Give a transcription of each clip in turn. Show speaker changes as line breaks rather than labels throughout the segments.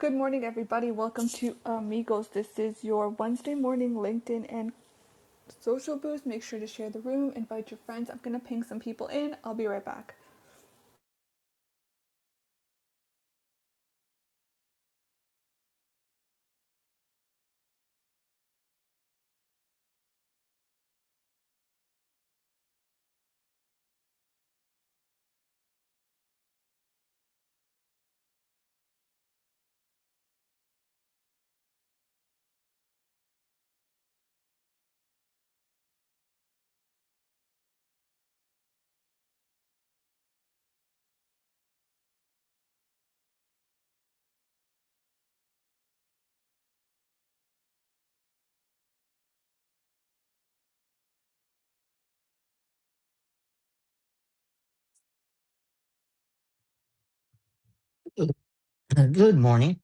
Good morning, everybody. Welcome to Amigos. This is your Wednesday morning LinkedIn and social boost. Make sure to share the room, invite your friends. I'm going to ping some people in. I'll be right back.
Good Uh, Good morning.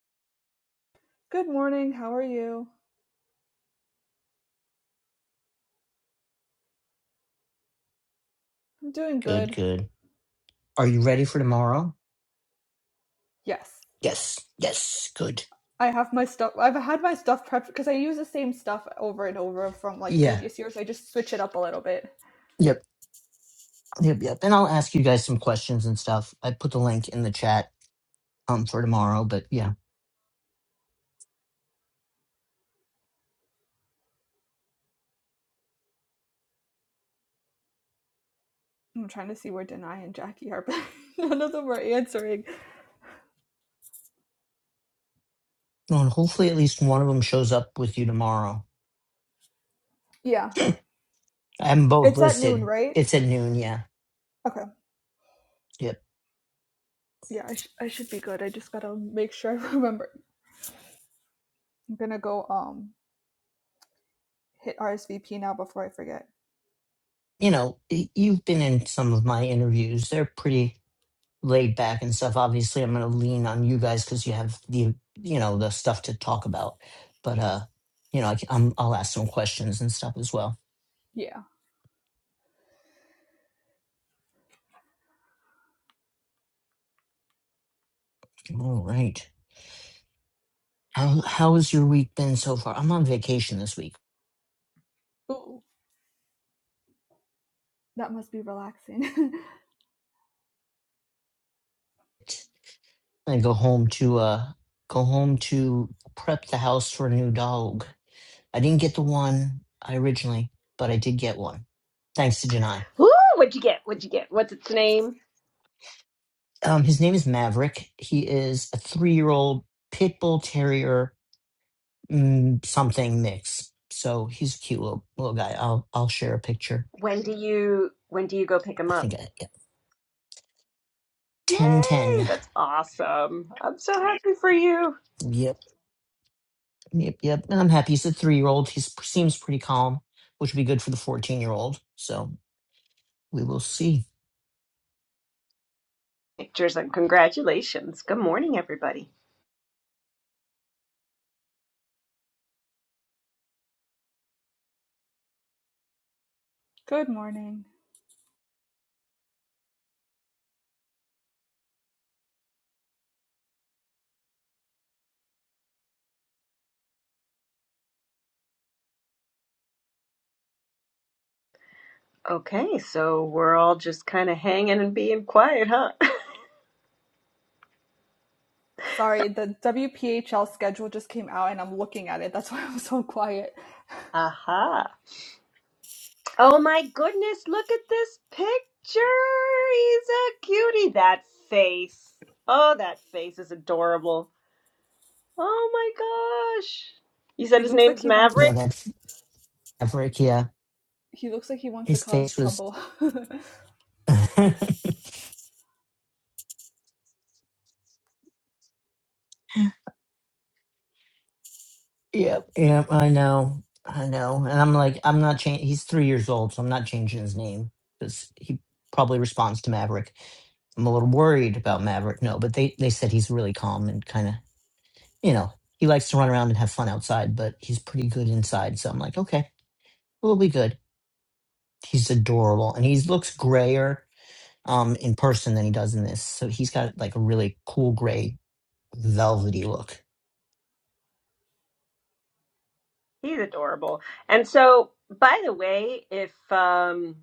Good morning. How are you? I'm doing
Good,
good.
good. Are you ready for tomorrow?
Yes.
Yes, yes, good.
I have my stuff. I've had my stuff prepped because I use the same stuff over and over from like
Yeah,
previous years. I just switch it up a little bit.
yep, yep, yep. And I'll ask you guys some questions and stuff. I put the link in the chat um for tomorrow, but yeah.
I'm trying to see where Denai and Jackie are, but none of them are answering.
And hopefully at least one of them shows up with you tomorrow.
Yeah.
I am both
It's at noon,
listed.
right?
It's at noon, yeah.
Okay.
Yep.
Yeah, I, sh- I should be good. I just gotta make sure I remember I'm gonna go um hit RSVP now before I forget.
You know, y- you've been in some of my interviews. They're pretty laid back and stuff. Obviously, I'm going to lean on you guys because you have the you know the stuff to talk about. But uh, you know, I, am I'll ask some questions and stuff as well.
Yeah.
All right. How how has your week been so far? I'm on vacation this week.
Ooh, that must be relaxing.
I go home to uh go home to prep the house for a new dog. I didn't get the one I originally, but I did get one thanks to Janai.
Woo! What'd you get? What'd you get? What's its name?
Um, his name is Maverick. He is a three year old pit bull terrier mm, something mix. So he's a cute little, little guy. I'll I'll share a picture.
When do you when do you go pick
I
him up?
think I, yeah.
Yay!
10 ten.
That's awesome. I'm so happy for you.
Yep. Yep. Yep. And I'm happy. He's a three year old. He seems pretty calm, which would be good for the 14 year old. So we will see.
Pictures and congratulations. Good morning, everybody.
Good morning.
Okay, so we're all just kind of hanging and being quiet, huh?
Sorry, the WPHL schedule just came out and I'm looking at it. That's why I'm so quiet.
Aha. Oh my goodness, look at this picture. He's a cutie. That face. Oh, that face is adorable. Oh my gosh. You said
He
his
looks like
name's
he wants to.
Yeah.
Maverick?
That's Maverick. Yeah.
He looks like he wants to
His
cause
face was.
trouble.
Yep, yep, I know. I know. And I'm like, I'm not changing. He's three years old, so I'm not changing his name because he probably responds to Maverick. I'm a little worried about Maverick. No, but they, they said he's really calm and kind of, you know, he likes to run around and have fun outside, but he's pretty good inside. So I'm like, okay, we'll be good. He's adorable. And he looks grayer um, in person than he does in this. So he's got like a really cool gray, velvety look.
He's adorable. And so, by the way, if um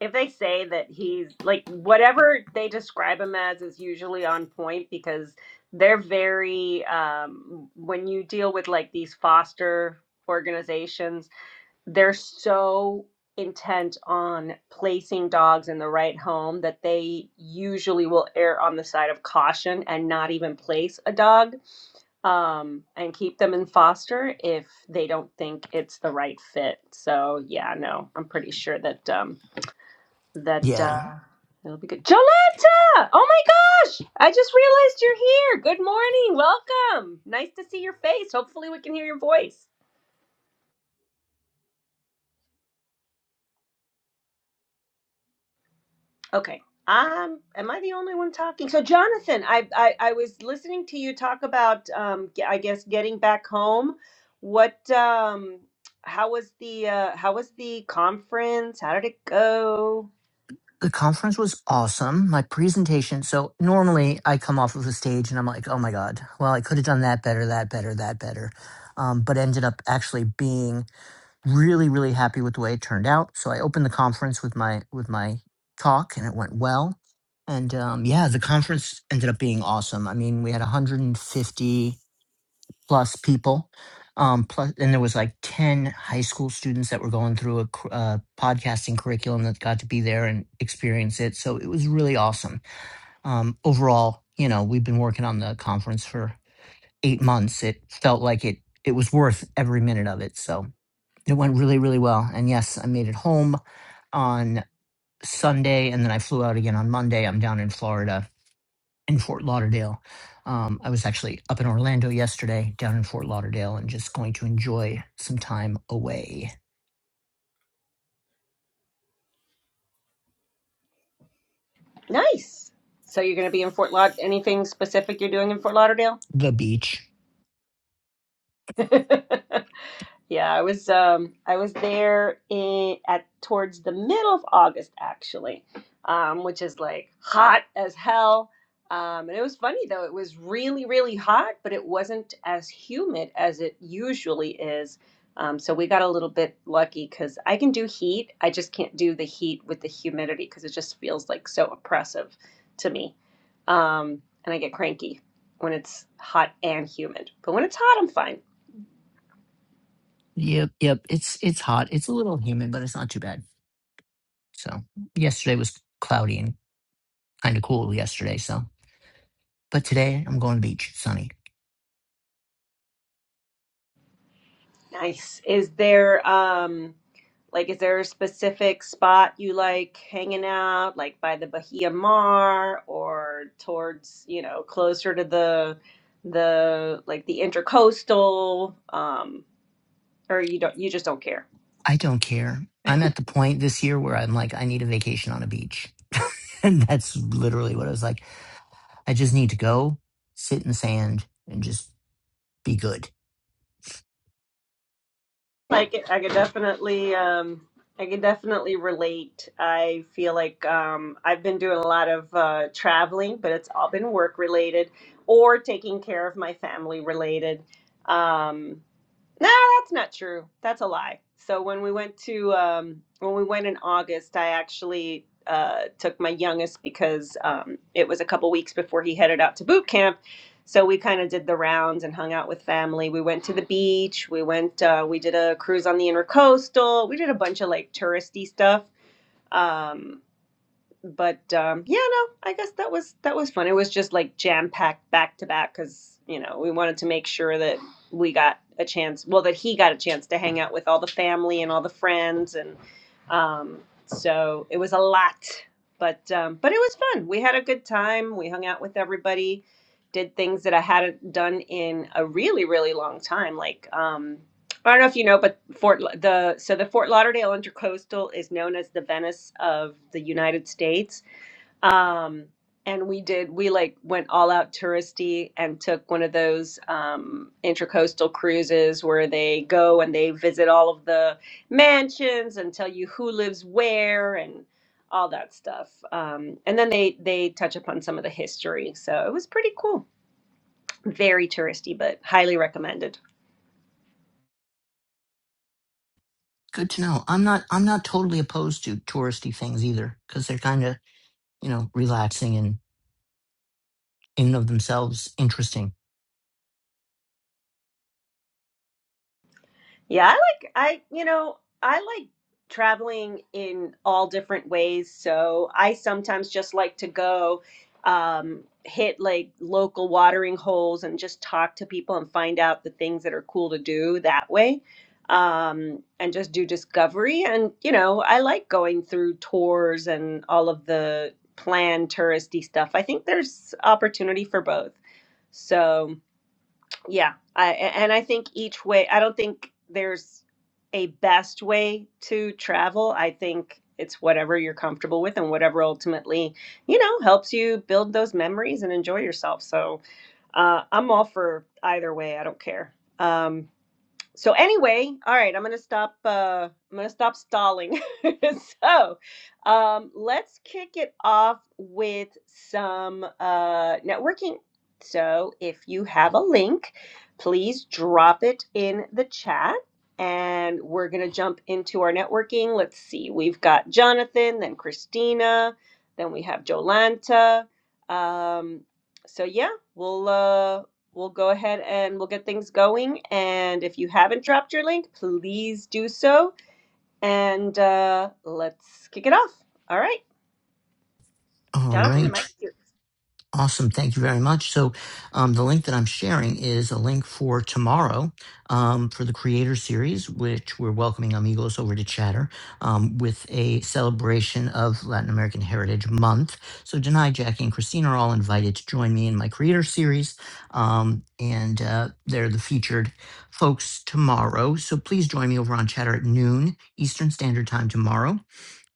if they say that he's like whatever they describe him as is usually on point because they're very um when you deal with like these foster organizations, they're so intent on placing dogs in the right home that they usually will err on the side of caution and not even place a dog um, and keep them in foster if they don't think it's the right fit. So yeah, no, I'm pretty sure that um, that
Yeah.
uh, it'll be good. Jolanta, Oh my gosh! I just realized you're here. Good morning. Welcome. Nice to see your face. Hopefully, we can hear your voice. Okay. Um, am I the only one talking? So, Jonathan, I I, I was listening to you talk about um, ge- I guess getting back home. What um, how was the uh, how was the conference? How did it go?
The conference was awesome. My presentation. So normally I come off of the stage and I'm like, oh my God, well, I could have done that better, that better, that better. Um, but ended up actually being really, really happy with the way it turned out. So I opened the conference with my with my talk and it went well. And um, yeah, the conference ended up being awesome. I mean, we had 150 plus people. Um, plus, and there was like 10 high school students that were going through a cur- uh, podcasting curriculum that got to be there and experience it. So it was really awesome. Um, overall, you know, we've been working on the conference for eight months. It felt like it, it was worth every minute of it. So it went really, really well. And yes, I made it home on Sunday and then I flew out again on Monday. I'm down in Florida in Fort Lauderdale. Um, I was actually up in Orlando yesterday, down in Fort Lauderdale, and just going to enjoy some time away.
Nice. So you're going to be in Fort Laud. Anything specific you're doing in Fort Lauderdale?
The beach.
Yeah, I was um I was there in at towards the middle of August actually, um, which is like hot as hell. Um, and it was funny though, it was really, really hot, but it wasn't as humid as it usually is. Um, so we got a little bit lucky because I can do heat. I just can't do the heat with the humidity because it just feels like so oppressive to me. Um, and I get cranky when it's hot and humid. But when it's hot, I'm fine.
Yep, yep. It's it's hot. It's a little humid, but it's not too bad. So yesterday was cloudy and kind of cool yesterday. So, but today I'm going to the beach. Sunny.
Nice. Is there um like is there a specific spot you like hanging out, like by the Bahia Mar or towards, you know, closer to the the like the intercoastal, um, or you don't you just don't care?
I don't care. I'm at the point this year where I'm like, I need a vacation on a beach. and that's literally what I was like. I just need to go sit in the sand and just be good.
I could, I could definitely, um, I could definitely relate. I feel like um, I've been doing a lot of uh, traveling, but it's all been work related or taking care of my family related. Um, no, that's not true. That's a lie. So when we went to um, when we went in August, I actually uh, took my youngest because um, it was a couple weeks before he headed out to boot camp. So we kind of did the rounds and hung out with family. We went to the beach. We went. Uh, we did a cruise on the intercoastal. We did a bunch of like touristy stuff. Um, but um, yeah, no, I guess that was that was fun. It was just like jam packed back to back because you know we wanted to make sure that we got a chance, well, that he got a chance to hang out with all the family and all the friends, and um, so it was a lot, but um, but it was fun. We had a good time. We hung out with everybody, did things that I hadn't done in a really really long time, like. Um, I don't know if you know, but Fort La- the so the Fort Lauderdale Intercoastal is known as the Venice of the United States. Um, and we did we like went all out touristy and took one of those um, intercoastal cruises where they go and they visit all of the mansions and tell you who lives where and all that stuff. Um, and then they they touch upon some of the history. So it was pretty cool. Very touristy, but highly recommended.
Good to know. I'm not, I'm not totally opposed to touristy things either because they're kind of, you know, relaxing and in and of themselves interesting.
Yeah, I like I you know, I like traveling in all different ways. So I sometimes just like to go um hit like local watering holes and just talk to people and find out the things that are cool to do that way. Um and just do discovery and you know, I like going through tours and all of the planned touristy stuff. I think there's opportunity for both. So yeah, I a- and I think each way, I don't think there's a best way to travel. I think it's whatever you're comfortable with and whatever ultimately, you know, helps you build those memories and enjoy yourself. So, uh, I'm all for either way. I don't care. Um, so anyway all right i'm gonna stop uh i'm gonna stop stalling so um let's kick it off with some uh networking so if you have a link please drop it in the chat and we're gonna jump into our networking let's see we've got jonathan then christina then we have jolanta um so yeah we'll uh we'll go ahead and we'll get things going. And if you haven't dropped your link, please do so. And uh, let's kick it off. All right,
All
Jonathan, the mic.
right.
is yours.
Awesome. Thank you very much. So, um, the link that I'm sharing is a link for tomorrow um, for the Creator Series, which we're welcoming amigos over to Chatter um, with a celebration of Latin American Heritage Month. So, Janai, Jackie, and Christine are all invited to join me in my Creator Series. Um, and uh, they're the featured folks tomorrow. So, please join me over on Chatter at noon Eastern Standard Time tomorrow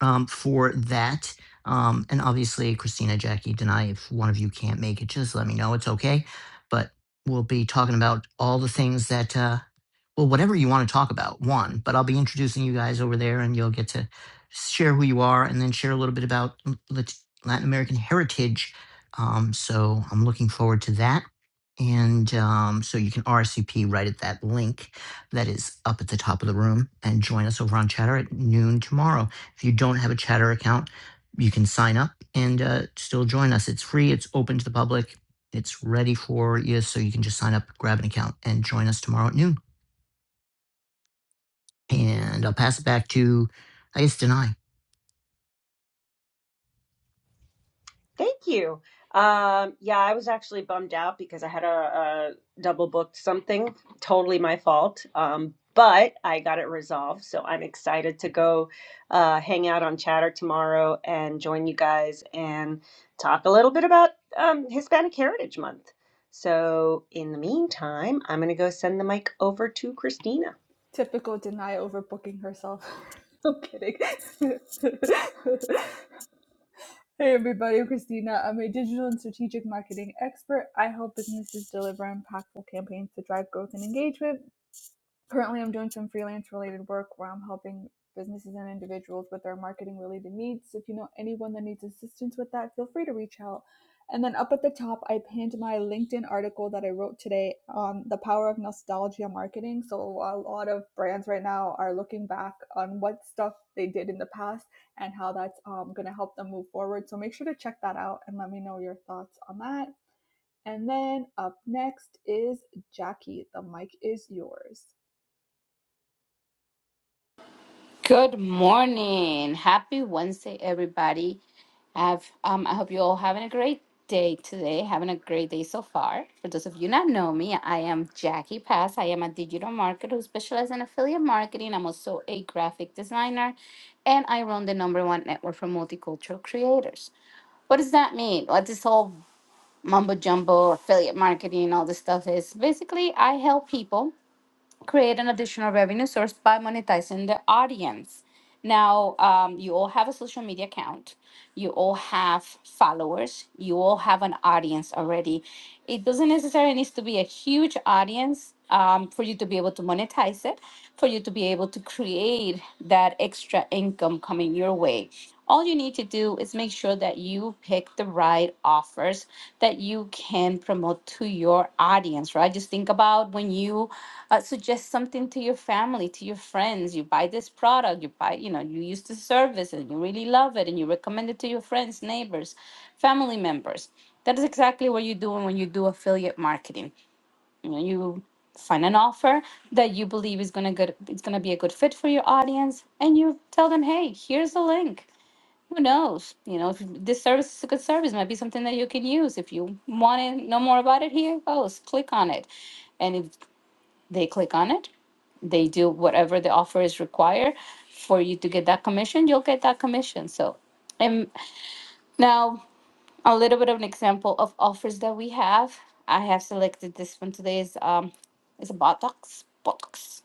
um, for that. Um, and obviously, Christina, Jackie, Denai, if one of you can't make it, just let me know. It's okay. But we'll be talking about all the things that. Uh, well, whatever you want to talk about, one, but I'll be introducing you guys over there and you'll get to share who you are and then share a little bit about mm, Latin American heritage. Um, so I'm looking forward to that. And um, so you can RSVP right at that link that is up at the top of the room and join us over on Chatter at noon tomorrow. If you don't have a Chatter account, you can sign up and uh, still join us. It's free, it's open to the public, it's ready for you. So you can just sign up, grab an account, and join us tomorrow at noon. And I'll pass it back to, I guess, Denai.
Thank you. Um, yeah, I was actually bummed out because I had a, a double booked something. Totally my fault. Um, but I got it resolved. So I'm excited to go uh, hang out on Chatter tomorrow and join you guys and talk a little bit about um, Hispanic Heritage Month. So in the meantime, I'm going to go send the mic over to Christina.
Typical Denia overbooking herself. I'm kidding. hey everybody, I'm Christina. I'm a digital and strategic marketing expert. I help businesses deliver impactful campaigns to drive growth and engagement. Currently, I'm doing some freelance related work where I'm helping businesses and individuals with their marketing related needs. If you know anyone that needs assistance with that, feel free to reach out. And then up at the top, I pinned my LinkedIn article that I wrote today on the power of nostalgia marketing. So, a lot of brands right now are looking back on what stuff they did in the past and how that's um, going to help them move forward. So, make sure to check that out and let me know your thoughts on that. And then up next is Jackie. The mic is yours.
Good morning. Happy Wednesday, everybody. I've, um, I hope you all having a great day today, having a great day so far. For those of you not know me, I am Jackie Pass. I am a digital marketer who specializes in affiliate marketing. I'm also a graphic designer, and I run the number one network for multicultural creators. What does that mean? What this whole mumbo jumbo affiliate marketing, all this stuff is? Basically, I help people create an additional revenue source by monetizing the audience. Now, um, you all have a social media account, you all have followers, you all have an audience already. It doesn't necessarily need to be a huge audience um, for you to be able to monetize it, for you to be able to create that extra income coming your way. All you need to do is make sure that you pick the right offers that you can promote to your audience, right? Just think about when you uh, suggest something to your family to your friends you buy this product you buy you know you use the service and you really love it and you recommend it to your friends neighbors family members that is exactly what you're doing when you do affiliate marketing you know you find an offer that you believe is going to good it's going to be a good fit for your audience and you tell them hey here's the link who knows you know if this service is a good service might be something that you can use if you want to know more about it here it goes click on it and if they click on it they do whatever the offer is required for you to get that commission you'll get that commission so and now a little bit of an example of offers that we have i have selected this one today is um is a botox botox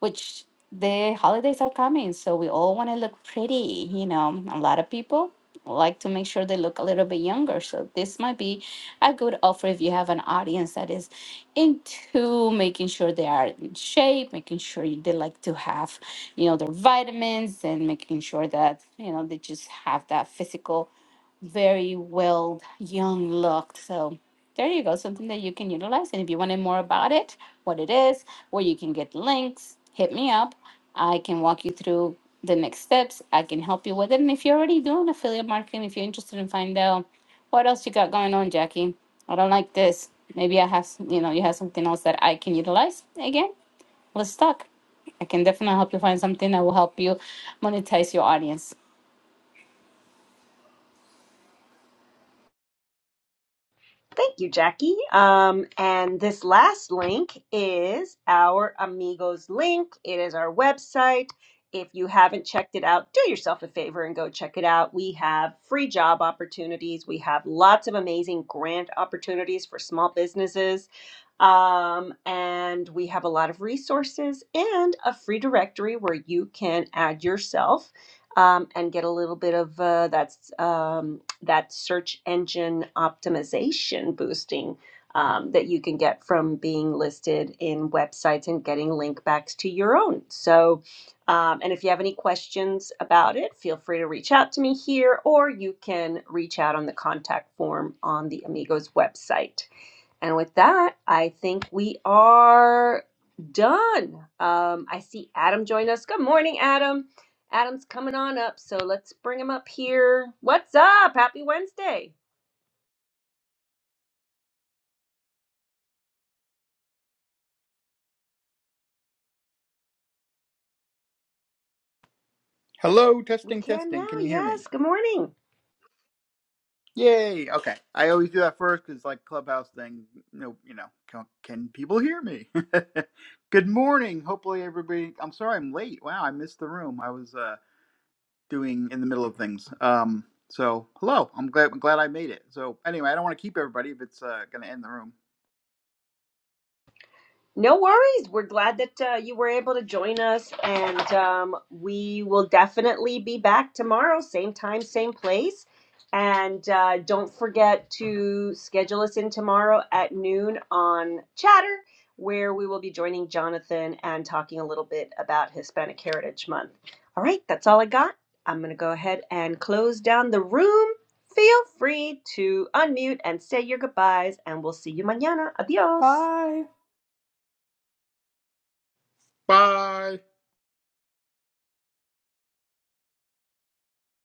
which the holidays are coming, so we all want to look pretty. You know, a lot of people like to make sure they look a little bit younger. So this might be a good offer if you have an audience that is into making sure they are in shape, making sure they like to have, you know, their vitamins and making sure that, you know, they just have that physical very well, young looked. So there you go, something that you can utilize. And if you wanted more about it, what it is, where you can get links, hit me up. I can walk you through the next steps. I can help you with it. And if you're already doing affiliate marketing, if you're interested in finding out what else you got going on, Jackie. I don't like this. Maybe I have, s- you know, you have something else that I can utilize. Again, let's talk. I can definitely help you find something that will help you monetize your audience.
Thank you, Jackie. Um, and this last link is our Amigos link. It is our website. If you haven't checked it out, do yourself a favor and go check it out. We have free job opportunities. We have lots of amazing grant opportunities for small businesses. Um, and we have a lot of resources and a free directory where you can add yourself um, and get a little bit of uh, that's um, that search engine optimization boosting um, that you can get from being listed in websites and getting link backs to your own. So, um, and if you have any questions about it, feel free to reach out to me here, or you can reach out on the contact form on the Amigos website. And with that, I think we are done. Um, I see Adam joined us. Good morning, Adam. Adam's coming on up, so let's bring him up here. What's up? Happy Wednesday.
Hello,
We
testing,
can now.
testing. Can you hear me?
Yes. Good morning.
Yay! Okay, I always do that first because like clubhouse thing. No, you know, can, can people hear me? Good morning. Hopefully, everybody. I'm sorry I'm late. Wow, I missed the room. I was uh, doing in the middle of things. Um, so hello. I'm glad. I'm glad I made it. So anyway, I don't want to keep everybody if it's uh, going to end the room.
No worries. We're glad that uh, you were able to join us, and um, we will definitely be back tomorrow, same time, same place. And uh, don't forget to schedule us in tomorrow at noon on Chatter, where we will be joining Jonathan and talking a little bit about Hispanic Heritage Month. All right, that's all I got. I'm going to go ahead and close down the room. Feel free to unmute and say your goodbyes, and we'll see you mañana. Adios.
Bye.
Bye.